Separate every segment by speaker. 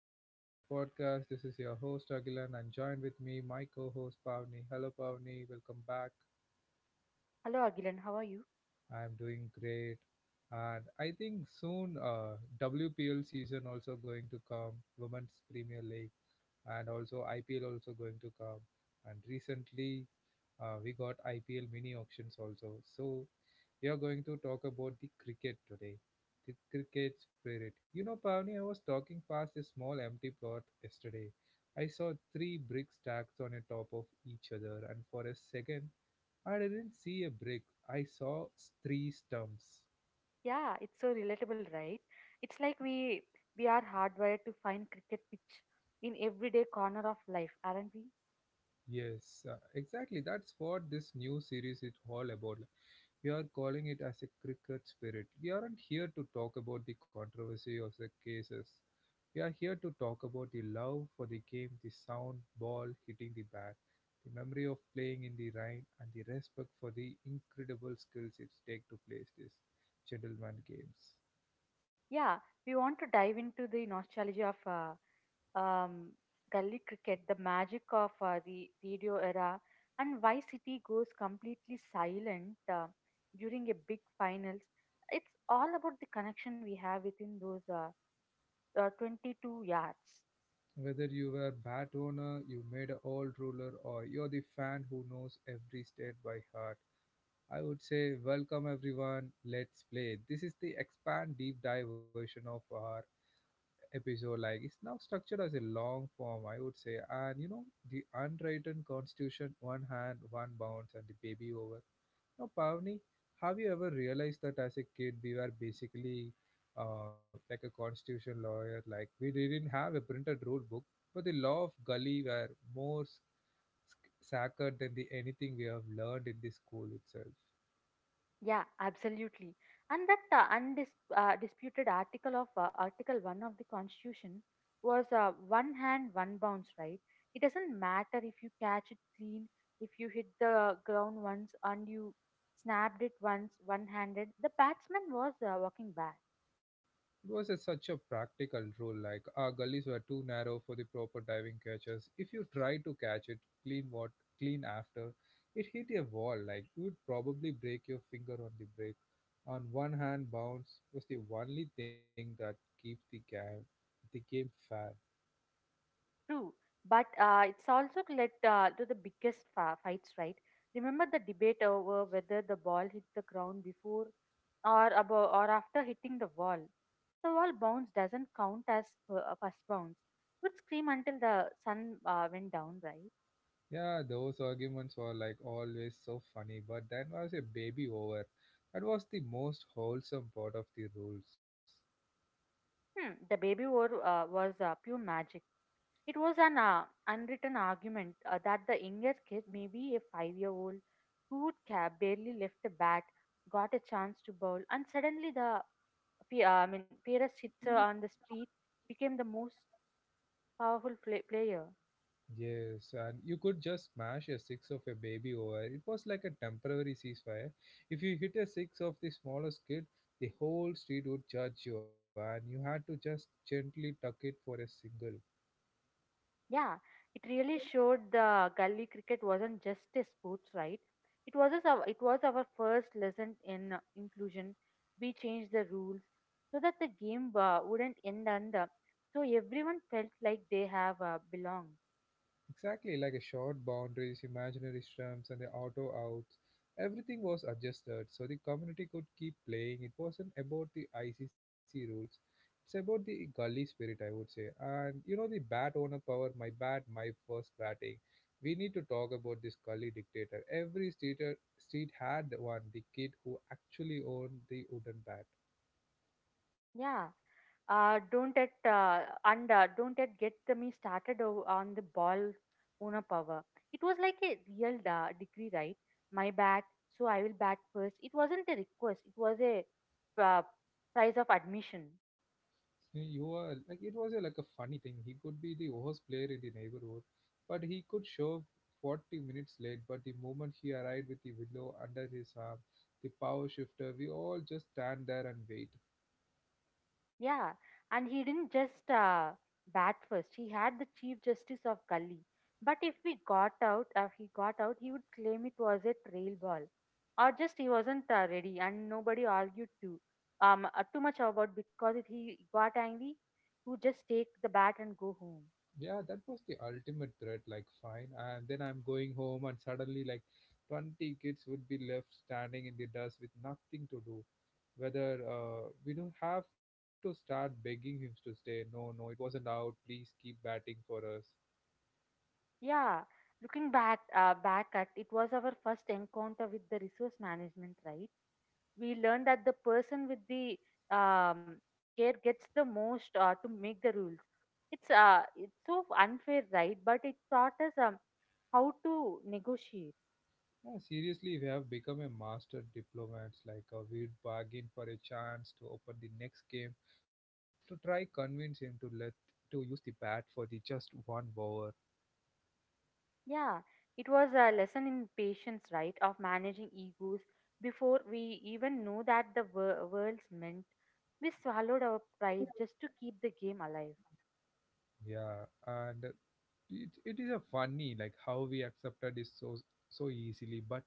Speaker 1: episode of my podcast. This is your host Agilan and joined with me my co-host Pavni. Hello Pavni, welcome back.
Speaker 2: Hello Agilan, how are you?
Speaker 1: I'm doing great. And I think soon WPL season also going to come, Women's Premier League, and also IPL also going to come. And recently we got IPL mini auctions also. So we are going to talk about the cricket today. The cricket spirit. You know, Pavni, I was talking past a small empty plot yesterday. I saw three bricks stacked on a top of each other, and for a second, I didn't see a brick. Three stumps.
Speaker 2: Yeah, it's so relatable, right? It's like we are hardwired to find cricket pitch in everyday corner of life, aren't we?
Speaker 1: Yes, exactly. That's what this new series is all about. Like, we are calling it as a cricket spirit. We aren't here to talk about the controversy of the cases. We are here to talk about the love for the game, the sound, ball hitting the bat, the memory of playing in the rain, and the respect for the incredible skills it takes to play these gentleman games.
Speaker 2: Yeah, we want to dive into the nostalgia of um, gully cricket, the magic of the radio era, and why city goes completely silent during a big finals. It's all about the connection we have within those 22 yards.
Speaker 1: Whether you were bat owner, you made an old ruler, or you're the fan who knows every state by heart, I would say welcome everyone. Let's play. This is the expand deep dive version of our episode. Like it's now structured as a long form, I would say. And you know the unwritten constitution, one hand, one bounce, and the baby over. Now, Pavni, have you ever realized that as a kid we were basically like a constitution lawyer? Like we didn't have a printed rule book, but the law of gully were more s- sacred than the anything we have learned in the school itself.
Speaker 2: Yeah, absolutely. And that undisputed disputed article of Article 1 of the Constitution was one hand, one bounce, right? It doesn't matter if you catch it clean, if you hit the ground once and you snapped it once one handed, the batsman was walking back.
Speaker 1: It was a, such a practical rule, like our gullies were too narrow for the proper diving catchers. If you tried to catch it, clean what clean after, it hit a wall, like you would probably break your finger on the break. On one hand, bounce was the only thing that keep the game fair.
Speaker 2: True, but it's also led to the biggest fights, right? Remember the debate over whether the ball hit the ground before or above or after hitting the wall. The wall bounce doesn't count as a first bounce. Would scream until the sun went down, right?
Speaker 1: Yeah, those arguments were like always so funny, but then was a baby over. That was the most wholesome part of the rules.
Speaker 2: Hmm, the baby war was pure magic. It was an unwritten argument that the younger kid, maybe a five-year-old, who would barely lift the bat, got a chance to bowl, and suddenly the I mean, Perez Chitra on the street became the most powerful player.
Speaker 1: Yes, and you could just smash a six of a baby over. It was like a temporary ceasefire. If you hit a six of the smallest kid, the whole street would judge you, and you had to just gently tuck it for a single.
Speaker 2: Yeah, it really showed the gully cricket wasn't just a sports, right? It was our it was our first lesson in inclusion. We changed the rules so that the game wouldn't end under, so everyone felt like they have belonged.
Speaker 1: Exactly like a short boundaries, imaginary stumps, and the auto outs. Everything was adjusted so the community could keep playing. It wasn't about the ICC rules. It's about the gully spirit, I would say. And you know the bat owner power, my bat, my first batting. We need to talk about this gully dictator. Street had one, the kid who actually owned the wooden bat.
Speaker 2: Yeah. Don't it get me started on the ball's owner power. It was like a real decree, right? My bat, so I will bat first. It wasn't a request. It was a uh, price of admission.
Speaker 1: So, you are like it was a, like a funny thing. He could be the worst player in the neighborhood, but he could show 40 minutes late. But the moment he arrived with the willow under his arm, the power shifter, we all just stand there and wait.
Speaker 2: Yeah, and he didn't just bat first. He had the Chief Justice of Gully. But if we got out, he got out, he would claim it was a trail ball, or just he wasn't ready, and nobody argued too, too much about because if he got angry, he would just take the bat and go home.
Speaker 1: Yeah, that was the ultimate threat. Like, fine, and then I'm going home, and suddenly, like, 20 kids would be left standing in the dust with nothing to do. Whether we don't have to start begging him to stay. No, no, it wasn't out. Please keep batting for us.
Speaker 2: Yeah, looking back, back at it was our first encounter with the resource management, right? We learned that the person with the um, care gets the most to make the rules. It's so unfair, right? But it taught us how to negotiate.
Speaker 1: Yeah, seriously, we have become a master diplomats. Like we'd bargain for a chance to open the next game to try convince him to let to use the bat for the just one over.
Speaker 2: Yeah, it was a lesson in patience, right? Of managing egos before we even knew that the world's meant. We swallowed our pride just to keep the game alive.
Speaker 1: Yeah, and it is a funny like how we accepted it so easily. But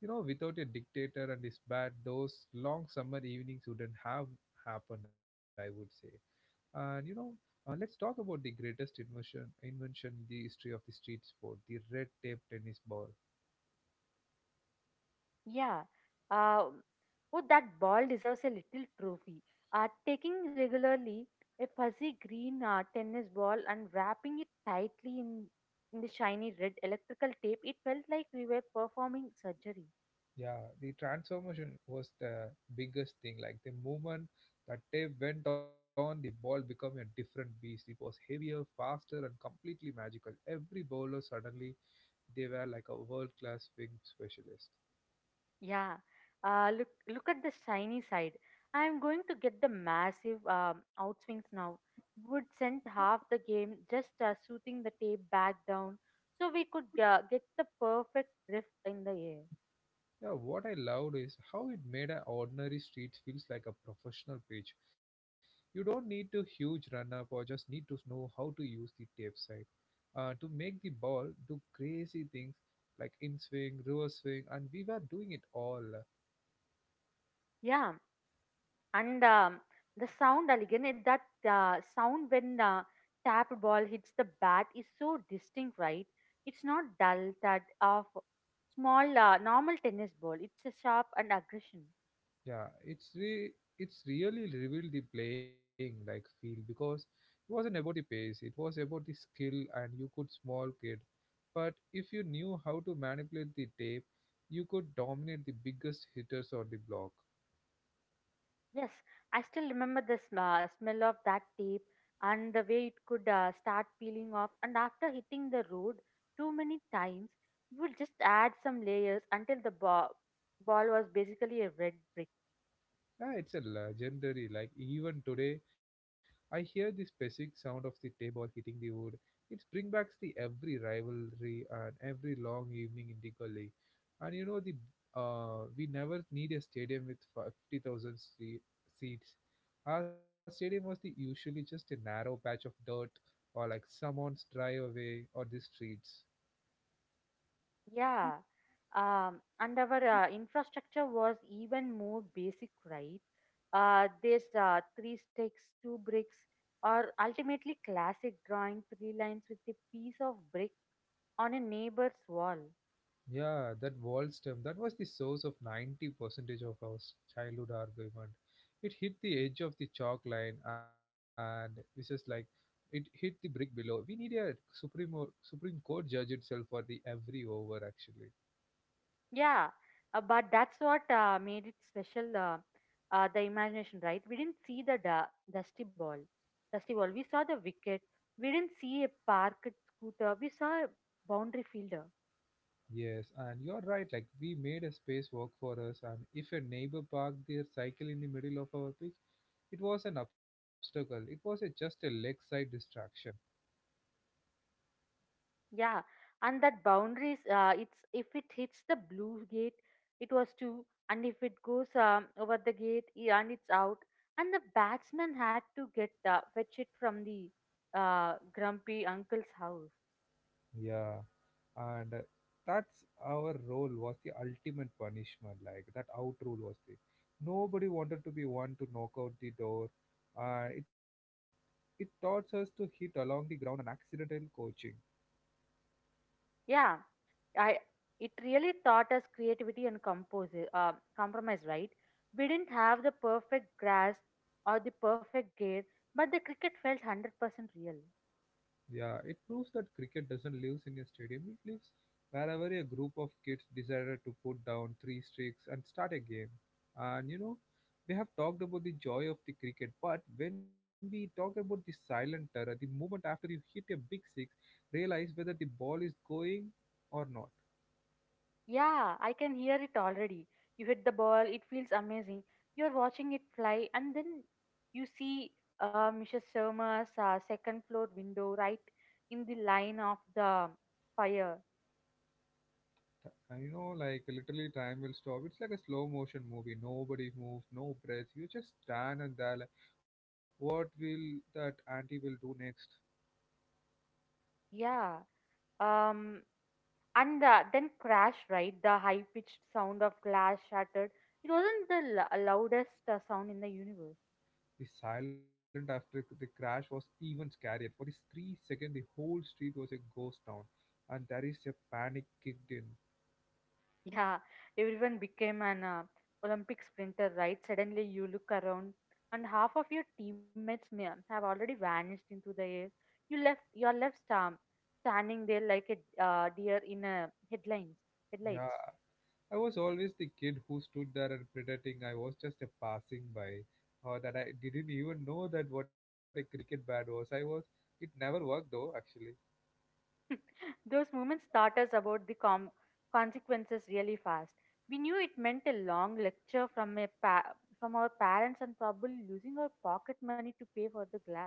Speaker 1: you know, without a dictator and his bat, those long summer evenings wouldn't have happened. I would say. And you know, let's talk about the greatest invention in the history of the street sport, the red tape tennis ball.
Speaker 2: Yeah. Um oh, that ball deserves a little trophy. Taking regularly a fuzzy green tennis ball and wrapping it tightly in the shiny red electrical tape, it felt like we were performing surgery.
Speaker 1: Yeah, the transformation was the biggest thing. Like the moment that tape went on, the ball became a different beast. It was heavier, faster, and completely magical. Every bowler suddenly they were like a world class wing specialist.
Speaker 2: Yeah. Look at the shiny side. I am going to get the massive outswings now. Would send half the game just shooting the tape back down so we could get the perfect drift in the air.
Speaker 1: Yeah, what I loved is how it made an ordinary street feels like a professional page. You don't need to huge run up or just need to know how to use the tape side to make the ball do crazy things like in swing, reverse swing, and we were doing it all.
Speaker 2: Yeah. And the sound, that sound when the tapped ball hits the bat is so distinct, right? It's not dull that of small, normal tennis ball. It's a sharp and aggression.
Speaker 1: It's really revealed the playing like feel because it wasn't about the pace, it was about the skill and you could small kid. But if you knew how to manipulate the tape, you could dominate the biggest hitters on the block.
Speaker 2: Yes, I still remember the smell of that tape and the way it could start peeling off. And after hitting the road too many times, it would just add some layers until the ball was basically a red brick.
Speaker 1: Yeah, it's a legendary. Like even today, I hear the specific sound of the table hitting the wood. It brings back the every rivalry and every long evening in the gully. And you know the we never need a stadium with 50,000 seats. Our stadium was the usually just a narrow patch of dirt or like someone's driveway or the streets.
Speaker 2: Yeah, and our infrastructure was even more basic, right? There's Three sticks, two bricks, or ultimately classic drawing three lines with a piece of brick on a neighbor's wall.
Speaker 1: Yeah, that wall stem, that was the source of 90% of childhood argument. It hit the edge of the chalk line and this is like it hit the brick below. We need a Supreme Court judge itself for the every over actually.
Speaker 2: Yeah, but that's what made it special. The imagination, right? We didn't see the dusty ball, dusty ball. We saw the wicket. We didn't see a parked scooter. We saw a boundary fielder.
Speaker 1: Yes, and you're right, like we made a space work for us and if a neighbor parked their cycle in the middle of our pitch, it was an obstacle. It was a, just a leg side distraction.
Speaker 2: Yeah, and that boundaries, it's if it hits the blue gate, it was two, and if it goes over the gate, yeah, and it's out. And the batsman had to get fetch it from the grumpy uncle's house.
Speaker 1: Yeah, and that's our role was the ultimate punishment like that out rule was the nobody wanted to be one to knock out the door uh, it it taught us to hit along the ground and accidental coaching.
Speaker 2: Yeah, I it really taught us creativity and compose compromise. Right, we didn't have the perfect grass or the perfect gate, but the cricket felt 100% real.
Speaker 1: Yeah, it proves that cricket doesn't live in a stadium, it lives wherever a group of kids decided to put down three sticks and start a game. And you know, we have talked about the joy of the cricket, but when we talk about the silent terror, the moment after you hit a big six, realize whether the ball is going or not.
Speaker 2: Yeah, I can hear it already. You hit the ball, it feels amazing. You're watching it fly, and then you see Mrs. Sharma's second floor window right in the line of the fire.
Speaker 1: You know, like literally time will stop. It's like a slow motion movie. Nobody moves, no breath. You just stand and there like, what will that auntie will do next?
Speaker 2: Yeah. Um, and then crash, right? The high pitched sound of glass shattered. It wasn't the loudest sound in the universe.
Speaker 1: The silence after the crash was even scarier. For these 3 seconds, the whole street was a ghost town, and there is a panic kicked in.
Speaker 2: Yeah, everyone became an Olympic sprinter, right? Suddenly you look around and half of your teammates may have already vanished into the air. You are left standing there like a deer in a
Speaker 1: Yeah,
Speaker 2: headlights.
Speaker 1: I was always the kid who stood there and pretending I was just a passing by, or that I didn't even know that what a cricket bat was. I was. It never worked though, actually.
Speaker 2: Those moments taught us about the consequences really fast. We knew it meant a long lecture from a from our parents and probably losing our pocket money to pay for the glass.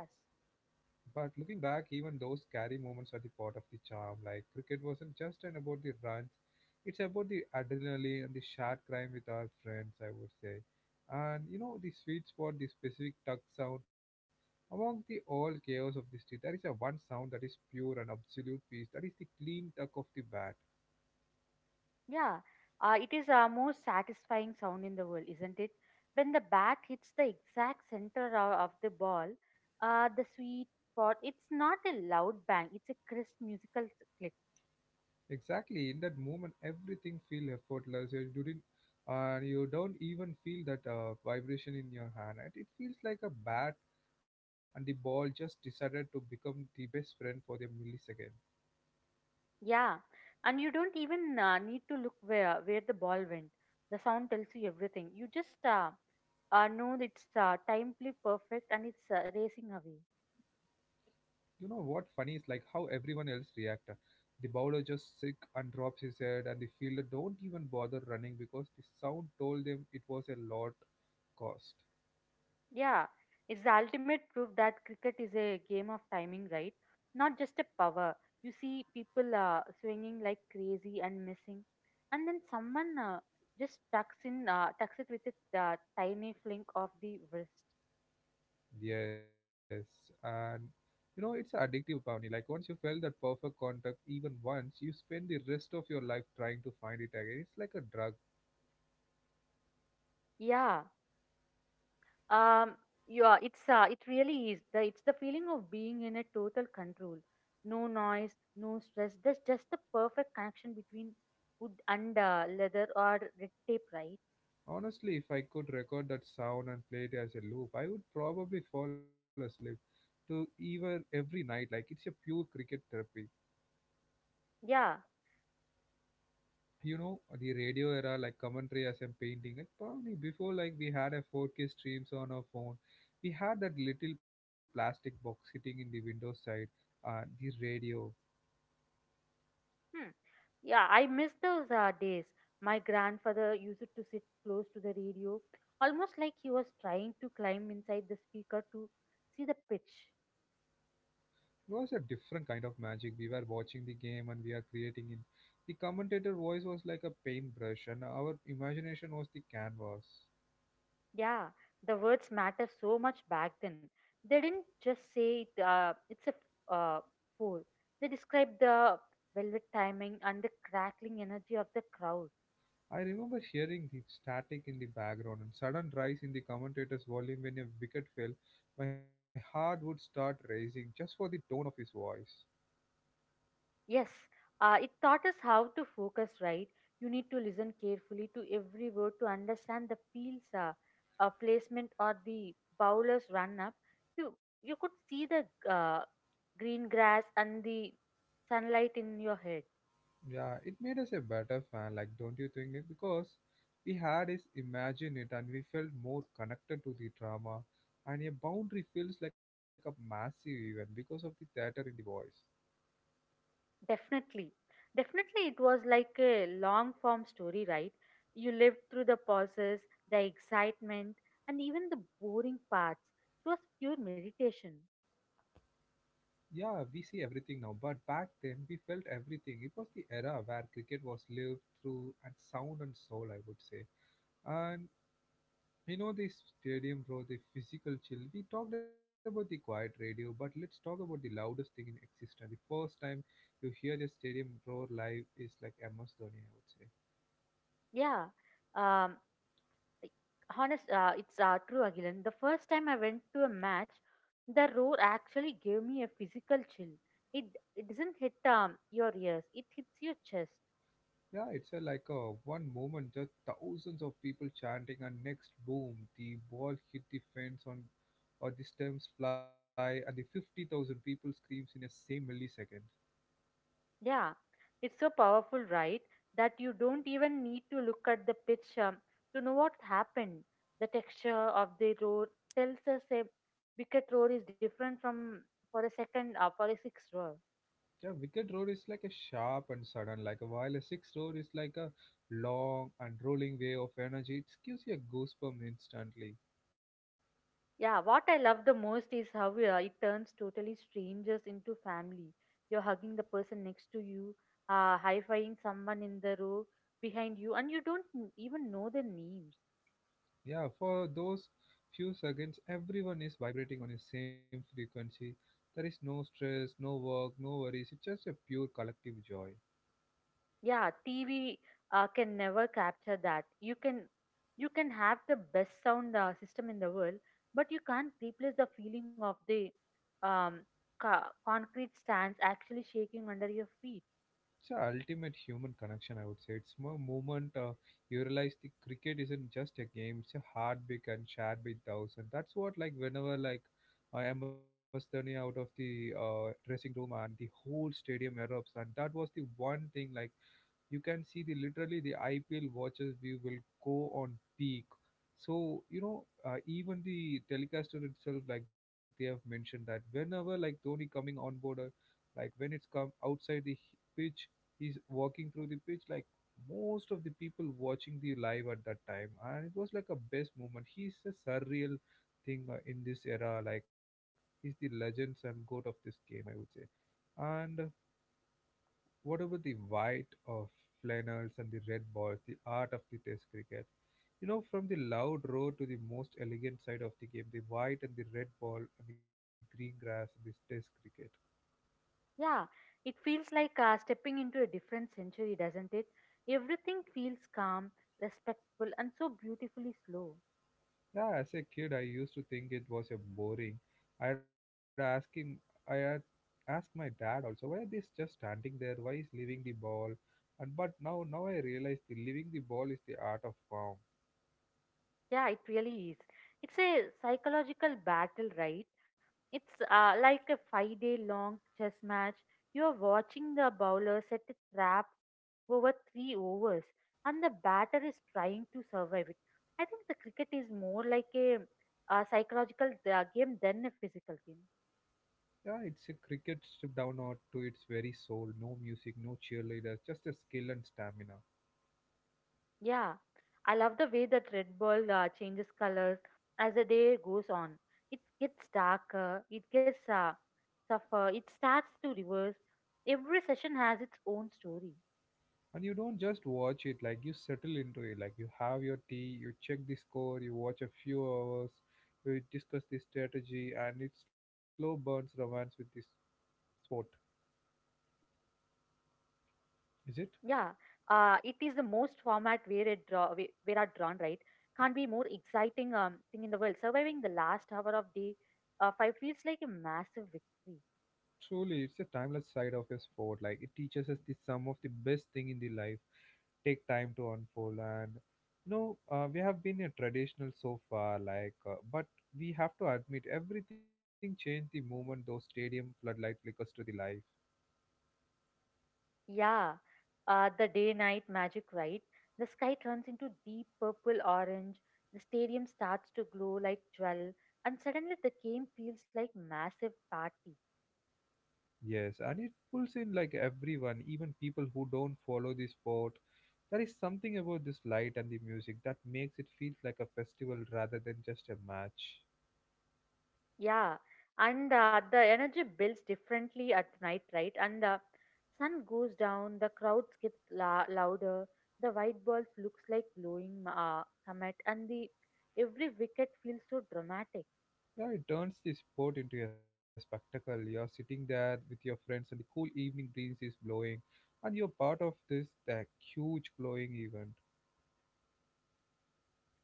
Speaker 1: But looking back, even those scary moments are the part of the charm. Like cricket wasn't just an about the runs; it's about the adrenaline and the shared crime with our friends, I would say. And you know the sweet spot, the specific tuck sound. Among the all chaos of the street, there is a one sound that is pure and absolute peace. That is the clean tuck of the bat.
Speaker 2: Yeah, it is our most satisfying sound in the world, isn't it? When the bat hits the exact center of the ball, the sweet spot, it's not a loud bang, it's a crisp musical click.
Speaker 1: Exactly. In that moment, everything feels effortless. You didn't, you don't even feel that vibration in your hand, and it feels like a bat, and the ball just decided to become the best friend for the millisecond.
Speaker 2: Yeah, and you don't even need to look where the ball went. The sound tells you everything. You just know that it's timely perfect and it's racing away.
Speaker 1: You know what? Funny is like how everyone else reacted. The bowler just sick and drops his head, and the fielder don't even bother running because the sound told them it was a lot cost.
Speaker 2: Yeah, it's the ultimate proof that cricket is a game of timing, right? Not just a power. You see people swinging like crazy and missing, and then someone tucks it with a tiny fling of the wrist.
Speaker 1: Yes, and you know it's addictive, Pavni. Like once you felt that perfect contact, even once, you spend the rest of your life trying to find it again. It's like a drug.
Speaker 2: Yeah, um, it really is. It's the feeling of being in a total control. No noise, no stress. There's just the perfect connection between wood and leather or red tape, right?
Speaker 1: Honestly, if I could record that sound and play it as a loop, I would probably fall asleep to even every night. Like it's a pure cricket therapy.
Speaker 2: Yeah.
Speaker 1: You know the radio era, like commentary as I'm painting. Like Pavni, before like we had a 4K streams on our phone, we had that little plastic box sitting in the window side the radio.
Speaker 2: Hmm. Yeah, I miss those days. My grandfather used to sit close to the radio, almost like he was trying to climb inside the speaker to see the pitch.
Speaker 1: It was a different kind of magic. We were watching the game and we are creating it. The commentator voice was like a paintbrush, and our imagination was the canvas.
Speaker 2: Yeah, the words matter so much back then. They didn't just say it, uh, fool. They described the velvet timing and the crackling energy of the crowd.
Speaker 1: I remember hearing the static in the background and sudden rise in the commentator's volume when a wicket fell. My heart would start racing just for the tone of his voice.
Speaker 2: Yes, it taught us how to focus, right? You need to listen carefully to every word to understand the field's placement or the bowler's run up. You could see the uh, green grass and the sunlight in your head.
Speaker 1: Yeah, it made us a better fan, like don't you think? Nick? Because we had is imagine it and we felt more connected to the drama and a boundary feels like a massive event because of the theater in the voice.
Speaker 2: Definitely, definitely, it was like a long form story, right? You lived through the pauses, the excitement, and even the boring parts. It was pure meditation.
Speaker 1: Yeah, we see everything now, but back then we felt everything. It was the era where cricket was lived through and sound and soul, I would say. And you know the stadium brought the physical chill. We talked about the quiet radio, but let's talk about the loudest thing in existence. The first time you hear the stadium roar live is like MS Dhoni, I would say.
Speaker 2: Yeah. Um, like, honest it's True again, the first time I went to a match the roar actually gave me a physical chill. It it doesn't hit your ears, it hits your chest.
Speaker 1: Yeah, it's a, like a one moment, just thousands of people chanting, and next boom, the ball hit the fence on, or the stems fly, and the 50,000 people screams in the same millisecond.
Speaker 2: Yeah, it's so powerful, right, that you don't even need to look at the pitch to know what happened. The texture of the roar tells us a wicket roar is different from for a six roar.
Speaker 1: Yeah, wicked road is like a sharp and sudden, like a while a six road is like a long and rolling wave of energy. It gives you a goosebump instantly.
Speaker 2: Yeah, what I love the most is how it turns totally strangers into family. You're hugging the person next to you, high fiving someone in the row behind you, and you don't even know their names.
Speaker 1: Yeah, for those few seconds, everyone is vibrating on the same frequency. There is no stress, no work, no worries. It's just a pure collective joy.
Speaker 2: Yeah, TV can never capture that. You can have the best sound system in the world, but you can't replace the feeling of the um, concrete stands actually shaking under your feet.
Speaker 1: It's an ultimate human connection, I would say. It's more moment you realize the cricket isn't just a game; it's a heartbeat and shared with those. And that's what, like, whenever like I am turning out of the dressing room and the whole stadium erupts, and that was the one thing like you can see the literally the IPL watches we will go on peak. So you know, even the telecaster itself, like they have mentioned that whenever like Dhoni coming on board, like when it's come outside the pitch, he's walking through the pitch. Like most of the people watching the live at that time, and it was like a best moment. He's a surreal thing in this era. Like he's the legends and goat of this game, I would say. And whatever the white of flannels and the red balls, the art of the test cricket. You know, from the loud row to the most elegant side of the game, the white and the red ball and the green grass and this test cricket.
Speaker 2: Yeah, it feels like stepping into a different century, doesn't it? Everything feels calm, respectful, and so beautifully slow.
Speaker 1: Yeah, as a kid, I used to think it was a boring. I'd asking, I had asked my dad also, why are these just standing there? Why is leaving the ball? And but now, now I realize the leaving the ball is the art of form.
Speaker 2: Yeah, it really is. It's a psychological battle, right? It's like a 5 day long chess match. You're watching the bowler set a trap over three overs, and the batter is trying to survive it. I think the cricket is more like psychological game than a physical game.
Speaker 1: Yeah, it's a cricket stripped down or to its very soul. No music, no cheerleaders, just a skill and stamina.
Speaker 2: Yeah, I love the way that Red Bull changes colors as the day goes on. It gets darker, it gets suffer, it starts to reverse. Every session has its own story.
Speaker 1: And you don't just watch it, like you settle into it. Like you have your tea, you check the score, you watch a few hours, you discuss the strategy, and it slow burns romance with this sport.
Speaker 2: Yeah, it is the
Speaker 1: Is it?
Speaker 2: most format where it draw where are drawn right. Can't be more exciting thing in the world. Surviving the last hour of day five feels like a massive victory.
Speaker 1: Truly, it's a timeless side of a sport. Like it teaches us the sum of the best thing in the life. Take time to unfold and you know we have been a traditional so far like but we have to admit everything changed the moment those stadium floodlight flickers to the life.
Speaker 2: Yeah, the day night magic, right? The sky turns into deep purple orange, the stadium starts to glow like jewel, and suddenly the game feels like massive party.
Speaker 1: Yes, and it pulls in like everyone, even people who don't follow the sport. There is something about this light and the music that makes it feel like a festival rather than just a match.
Speaker 2: Yeah, and the energy builds differently at night, right? And the sun goes down, the crowds gets louder, the white balls looks like glowing comet, and the every wicket feels so dramatic.
Speaker 1: Yeah, it turns the sport into a spectacle. You're sitting there with your friends, and the cool evening breeze is blowing, and you're part of this that huge glowing event.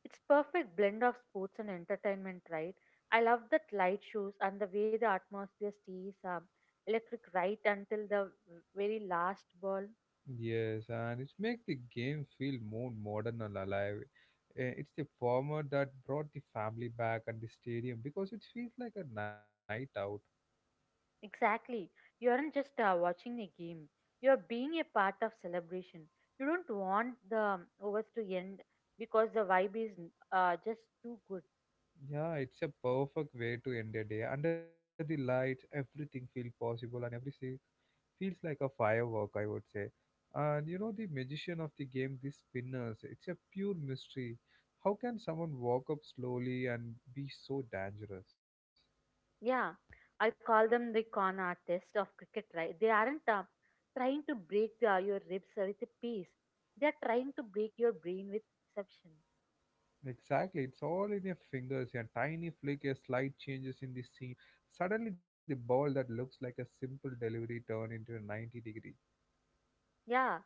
Speaker 2: It's perfect blend of sports and entertainment, right? I love that light shows and the way the atmosphere stays electric right until the very last ball.
Speaker 1: Yes, and it makes the game feel more modern and alive. Eh, it's the former that brought the family back at the stadium because it feels like a night out.
Speaker 2: Exactly. You aren't just watching a game. You're being a part of celebration. You don't want the overs to end because the vibe is just too good.
Speaker 1: Yeah, it's a perfect way to end a day. Under the lights, everything feels possible, and every feels like a firework, I would say. And you know, the magician of the game, the spinners, it's a pure mystery. How can someone walk up slowly and be so dangerous?
Speaker 2: Yeah, I call them the con artists of cricket, right? They aren't trying to break your ribs with a piece. They're trying to break your brain with perception.
Speaker 1: Exactly, it's all in your fingers. A tiny flick, a slight changes in the scene. Suddenly, the ball that looks like a simple delivery turn into a 90 degree.
Speaker 2: Yeah,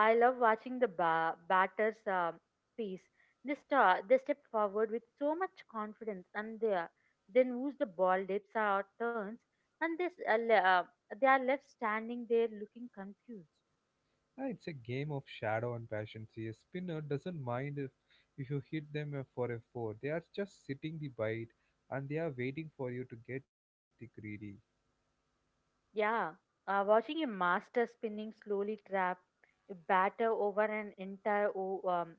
Speaker 2: I love watching the batters piece. They step forward with so much confidence and they then lose the ball dips or turns and this, they are left standing there looking confused.
Speaker 1: Ah, it's a game of shadow and passion. See, a spinner doesn't mind if you hit them for a four. They are just sitting the bite and they are waiting for you to get the greedy.
Speaker 2: Yeah, watching a master spinning slowly trap a batter over an entire o- um,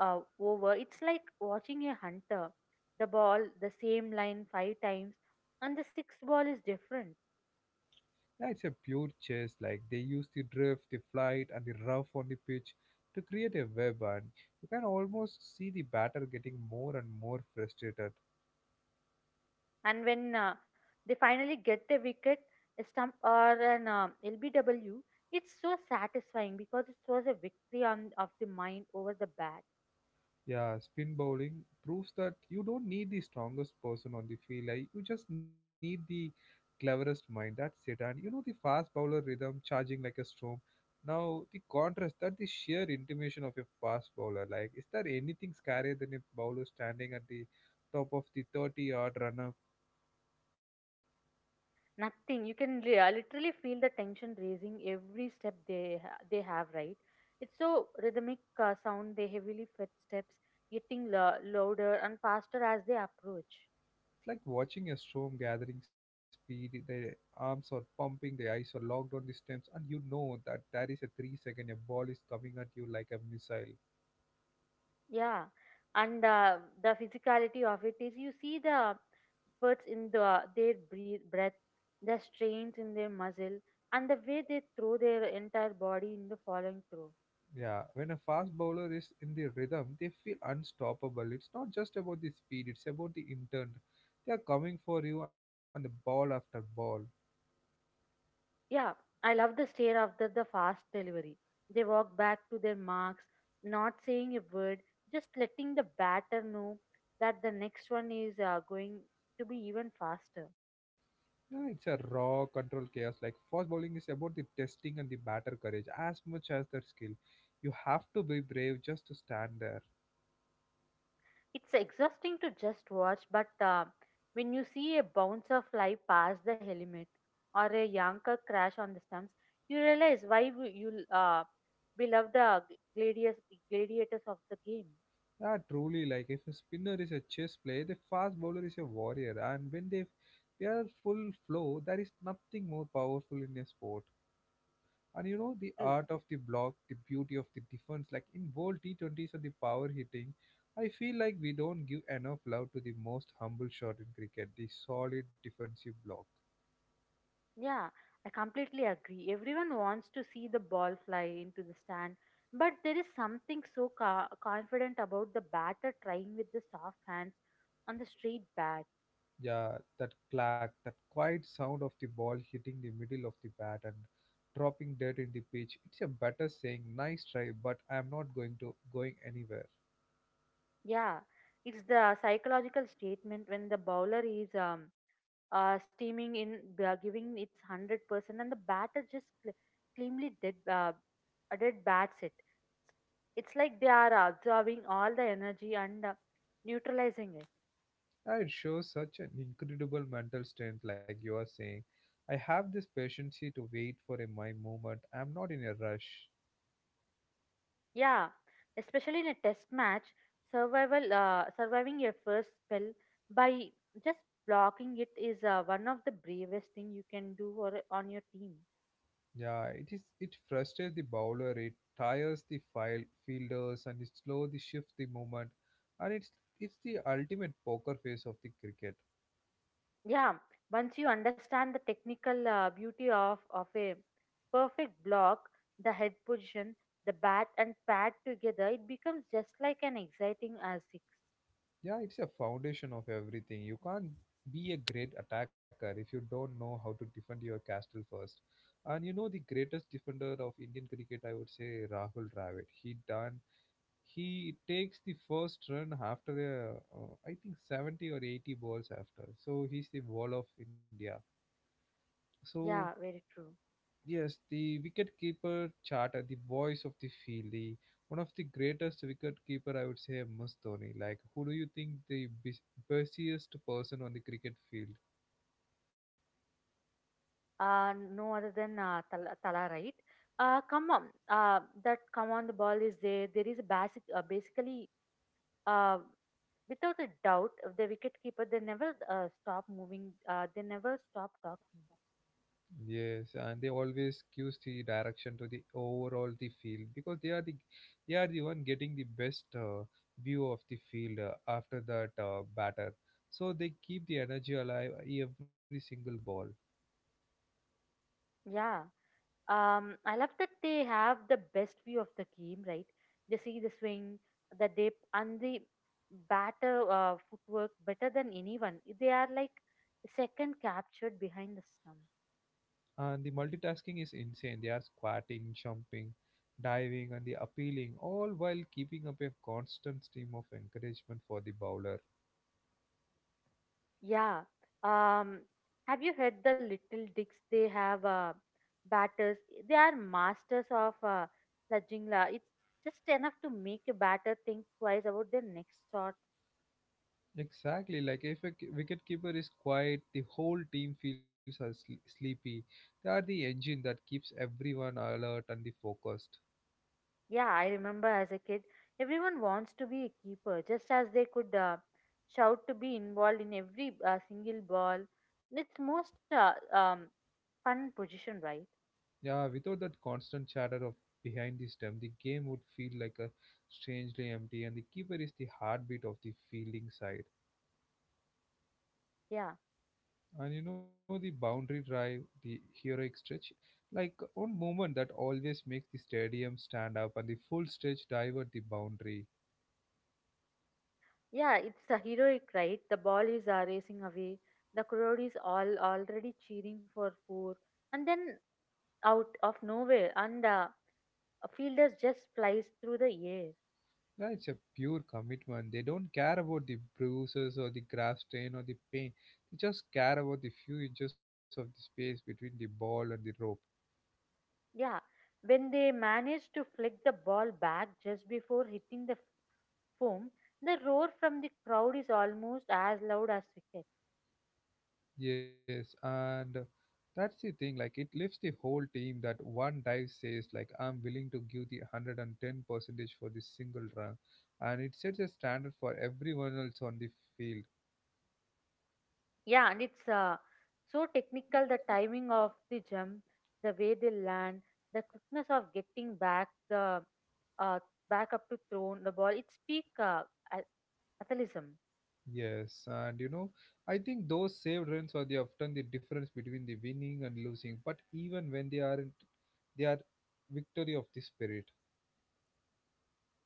Speaker 2: uh, over, it's like watching a hunter. The ball, the same line five times, and the sixth ball is different.
Speaker 1: Yeah, it's a pure chess. Like they use the drift, the flight, and the rough on the pitch to create a web, and you can almost see the batter getting more and more frustrated.
Speaker 2: And when they finally get the wicket, a stump or an LBW, it's so satisfying because it was a victory on of the mind over the bat.
Speaker 1: Yeah, spin bowling proves that you don't need the strongest person on the field. Like, you just need the cleverest mind. That's it. And you know the fast bowler rhythm, charging like a storm. Now the contrast, that the sheer intimidation of a fast bowler. Like, is there anything scarier than a bowler standing at the top of the 30-yard runner?
Speaker 2: Nothing. You can literally feel the tension raising every step they have. Right. It's so rhythmic sound. They heavily footsteps getting louder and faster as they approach.
Speaker 1: It's like watching a storm gathering speed. Their arms are pumping, their eyes are locked on the stems, and you know that there is a 3 second a ball is coming at you like a missile.
Speaker 2: Yeah, and the physicality of it is you see the efforts in the their breath, the strains in their muscle, and the way they throw their entire body in the following throw.
Speaker 1: Yeah, when a fast bowler is in the rhythm, they feel unstoppable. It's not just about the speed, it's about the intent. They are coming for you and the ball after ball.
Speaker 2: Yeah, I love the stare after the fast delivery. They walk back to their marks, not saying a word, just letting the batter know that the next one is going to be even faster.
Speaker 1: Yeah, it's a raw control chaos. Like fast bowling is about the testing and the batter courage as much as their skill. You have to be brave just to stand there.
Speaker 2: It's exhausting to just watch, but when you see a bouncer fly past the helmet or a yanker crash on the stumps, you realize why we love the gladiators, gladiators of the game.
Speaker 1: Yeah, truly. Like if a spinner is a chess player, the fast bowler is a warrior, and when they are full flow, there is nothing more powerful in a sport. And you know the
Speaker 2: True.
Speaker 1: art of the block, the beauty of the defense. Like in World T20s or the power hitting, I feel like we don't give enough love to the most humble shot in cricket, the solid defensive block.
Speaker 2: Yeah, I completely agree. Everyone wants to see the ball fly into the stand, but there is something so confident about the batter trying with the soft hands on the straight bat.
Speaker 1: Yeah, that clack, that quiet sound of the ball hitting the middle of the bat and dropping dead in the pitch. It's a batter saying, "Nice try, but I'm not going to going anywhere."
Speaker 2: Yeah, it's the psychological statement when the bowler is steaming in, giving its 100%, and the batter just cleanly dead bats it. It's like they are absorbing all the energy and neutralizing it.
Speaker 1: Yeah, it shows such an incredible mental strength, like you are saying. I have this patience here to wait for a my moment. I'm not in a rush.
Speaker 2: Yeah, especially in a test match, survival surviving your first spell by just blocking it is one of the bravest thing you can do or, on your team.
Speaker 1: Yeah, it is. It frustrates the bowler. It tires the file fielders, and it slows the shift the moment, and it's the ultimate poker face of the cricket.
Speaker 2: Yeah, once you understand the technical beauty of a perfect block, the head position, the bat and pad together, it becomes just like an exciting six.
Speaker 1: Yeah, it's a foundation of everything. You can't be a great attacker if you don't know how to defend your castle first. And you know the greatest defender of Indian cricket, I would say Rahul Dravid. He done. He takes the first run after I think 70 or 80 balls after. So he's the wall of India. So
Speaker 2: Yeah, very true.
Speaker 1: yes, the wicketkeeper Chata, the voice of the field, the one of the greatest wicketkeeper I would say must Dhoni. Like, who do you think the busiest person on the cricket field?
Speaker 2: No other than Tala, Tala, right? Come on, that come on the ball is there. There is a basically, uh, without a doubt, of the wicketkeeper they never stop moving. They never stop talking.
Speaker 1: Yes, and they always gives the direction to the overall the field because they are the one getting the best view of the field after that batter. So they keep the energy alive every single ball.
Speaker 2: Yeah. I love that they have the best view of the game, right? They see the swing, the dip, and the batter footwork better than anyone. They are like second captured behind the stump.
Speaker 1: And the multitasking is insane. They are squatting, jumping, diving, and the appealing, all while keeping up a constant stream of encouragement for the bowler.
Speaker 2: Yeah. Um, have you heard the little dicks? They have batters. They are masters of sludging. It's just enough to make a batter think twice about their next shot.
Speaker 1: Exactly, like if a wicketkeeper is quiet, the whole team feels are sleepy. They are the engine that keeps everyone alert and the focused.
Speaker 2: Yeah, I remember as a kid, everyone wants to be a keeper, just as they could shout to be involved in every single ball. It's most fun position, right?
Speaker 1: Yeah, without that constant chatter of behind the stump, the game would feel like a strangely empty, and the keeper is the heartbeat of the fielding side.
Speaker 2: Yeah.
Speaker 1: And you know the boundary drive, the heroic stretch, like one movement that always makes the stadium stand up and the full stretch divert the boundary.
Speaker 2: Yeah, it's a heroic, right? The ball is racing away. The crowd is all already cheering for four, and then out of nowhere, and a fielder just flies through the air.
Speaker 1: Yeah, it's a pure commitment. They don't care about the bruises or the grass stain or the pain. They just care about the few inches of the space between the ball and the rope.
Speaker 2: Yeah, when they manage to flick the ball back just before hitting the foam, the roar from the crowd is almost as loud as cricket.
Speaker 1: Yes, and that's the thing. Like it lifts the whole team that one dive says like I'm willing to give the 110 percentage for this single run, and it sets a standard for everyone else on the field.
Speaker 2: Yeah, and it's so technical the timing of the jump, the way they land, the quickness of getting back the uh, back up to thrown the ball. It's peak a- athleticism.
Speaker 1: Yes, and you know I think those saved runs are the often the difference between the winning and losing. But even when they aren't, they are victory of the spirit.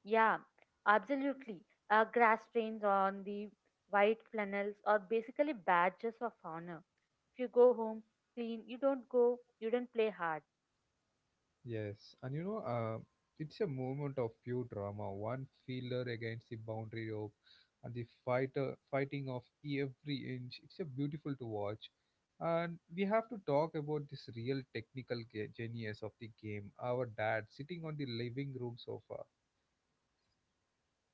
Speaker 2: Yeah, absolutely. Grass stains on the white flannels are basically badges of honor. If you go home clean, you don't play hard.
Speaker 1: Yes, and you know, it's a moment of pure drama. One fielder against the boundary rope, and the fighter fighting of every inch. It's a beautiful to watch, and we have to talk about this real technical genius of the game. Our dad sitting on the living room sofa.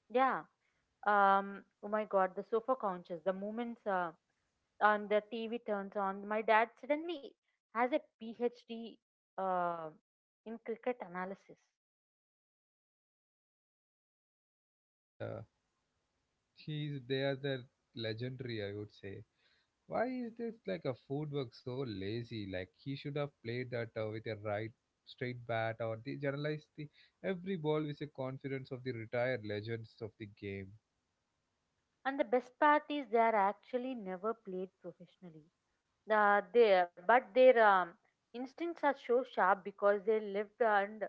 Speaker 2: Yeah. Oh my God, the sofa couches, the moments. On the TV turns on, my dad suddenly has a PhD uh, in cricket analysis.
Speaker 1: Yeah, he's they are the legendary, I would say. Why is this like a footwork so lazy? Like he should have played that with a right straight bat or they generalize the every ball with a confidence of the retired legends of the game.
Speaker 2: And the best part is they are actually never played professionally. But their instincts are so sharp because they lived and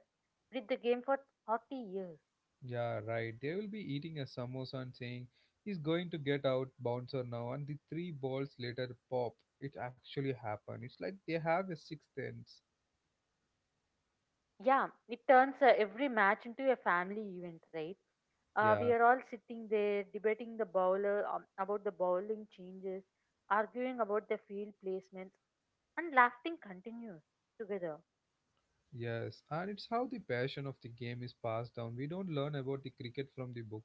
Speaker 2: with the game for 40 years.
Speaker 1: Yeah, right. They will be eating a samosa and saying he's going to get out bouncer now, and the three balls later pop. It actually happened. It's like they have a sixth sense.
Speaker 2: Yeah, it turns every match into a family event, right? We
Speaker 1: Yeah.
Speaker 2: are all sitting there debating the bowler about the bowling changes, arguing about the field placements, and laughing continues together.
Speaker 1: Yes, and it's how the passion of the game is passed down. We don't learn about the cricket from the book.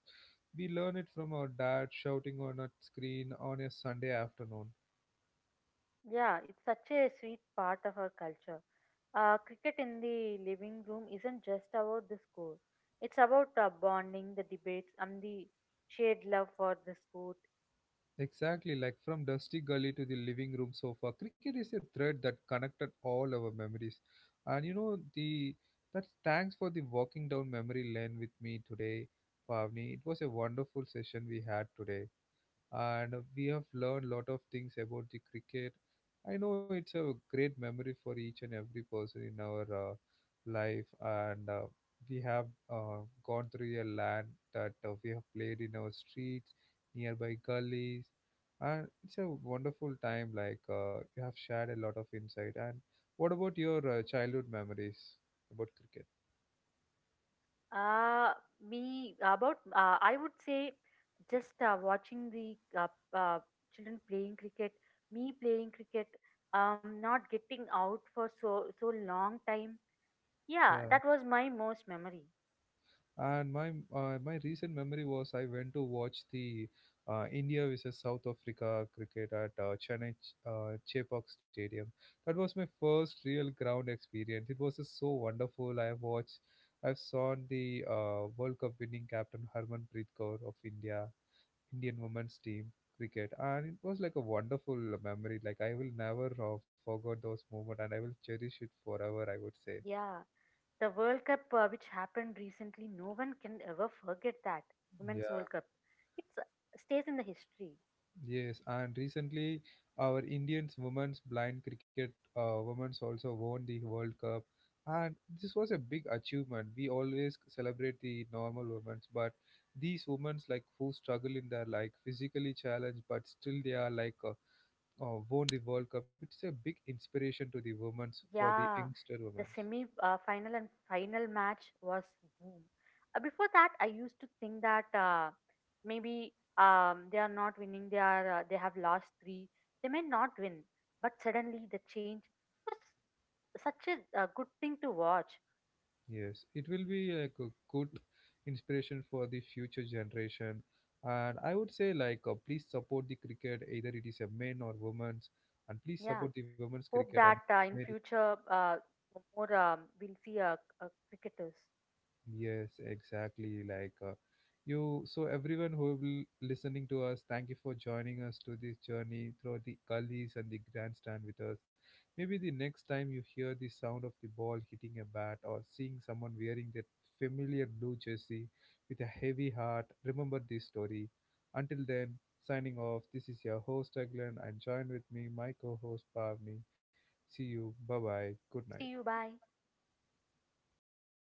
Speaker 1: We learn it from our dad shouting on a screen on a Sunday afternoon.
Speaker 2: Yeah, it's such a sweet part of our culture. Cricket in the living room isn't just about the score, it's about bonding, the debates, and the shared love for the sport.
Speaker 1: Exactly, like from dusty gully to the living room sofa. Cricket is a thread that connected all our memories. And you know, the that's thanks for the walking down memory lane with me today, Pavni. It was a wonderful session we had today. And we have learned lot of things about the cricket. I know it's a great memory for each and every person in our life, and we have gone through a land that we have played in our streets, nearby gullies, and it's a wonderful time. Like you have shared a lot of insight. And what about your childhood memories about cricket?
Speaker 2: Uh, Me about I would say just watching the uh, children playing cricket, me playing cricket, not getting out for so so long time. Yeah,
Speaker 1: Yeah.
Speaker 2: that was my most memory.
Speaker 1: And my my recent memory was I went to watch the India versus South Africa cricket at Chennai Chepauk Stadium. That was my first real ground experience. It was just so wonderful. I have watched, I've saw the World Cup winning captain Harmanpreet Kaur of India, Indian women's team cricket, and it was like a wonderful memory. Like I will never forget those moment, and I will cherish it forever. I would say,
Speaker 2: Yeah. The World Cup, which happened recently, no one can ever forget that Women's
Speaker 1: yeah.
Speaker 2: World Cup. It's stays in the history.
Speaker 1: Yes, and recently our Indians women's blind cricket women's also won the World Cup, and this was a big achievement. We always celebrate the normal women's, but these women's like who struggle in their like physically challenged, but still they are like won the World Cup. It's a big inspiration to the women's for the
Speaker 2: Yeah,
Speaker 1: youngster
Speaker 2: the
Speaker 1: women's.
Speaker 2: semi final and final match was boom. Before that, I used to think that maybe they are not winning. They are they have lost three. They may not win, but suddenly the change was such a good thing to watch.
Speaker 1: Yes, it will be like a good inspiration for the future generation. And I would say like please support the cricket, either it is a men or women's, and please
Speaker 2: Yeah,
Speaker 1: support the women's
Speaker 2: hope
Speaker 1: cricket and
Speaker 2: that in
Speaker 1: men.
Speaker 2: future more we'll see cricketers.
Speaker 1: Yes, exactly. Like you, so everyone who will listening to us, thank you for joining us to this journey through the gullies and the grandstand with us. Maybe the next time you hear the sound of the ball hitting a bat or seeing someone wearing that familiar blue jersey with a heavy heart, remember this story. Until then, signing off. This is your host Aglan, and join with me, my co-host Pavni. See you. Bye bye. Good
Speaker 2: See you.
Speaker 1: night.
Speaker 2: Bye.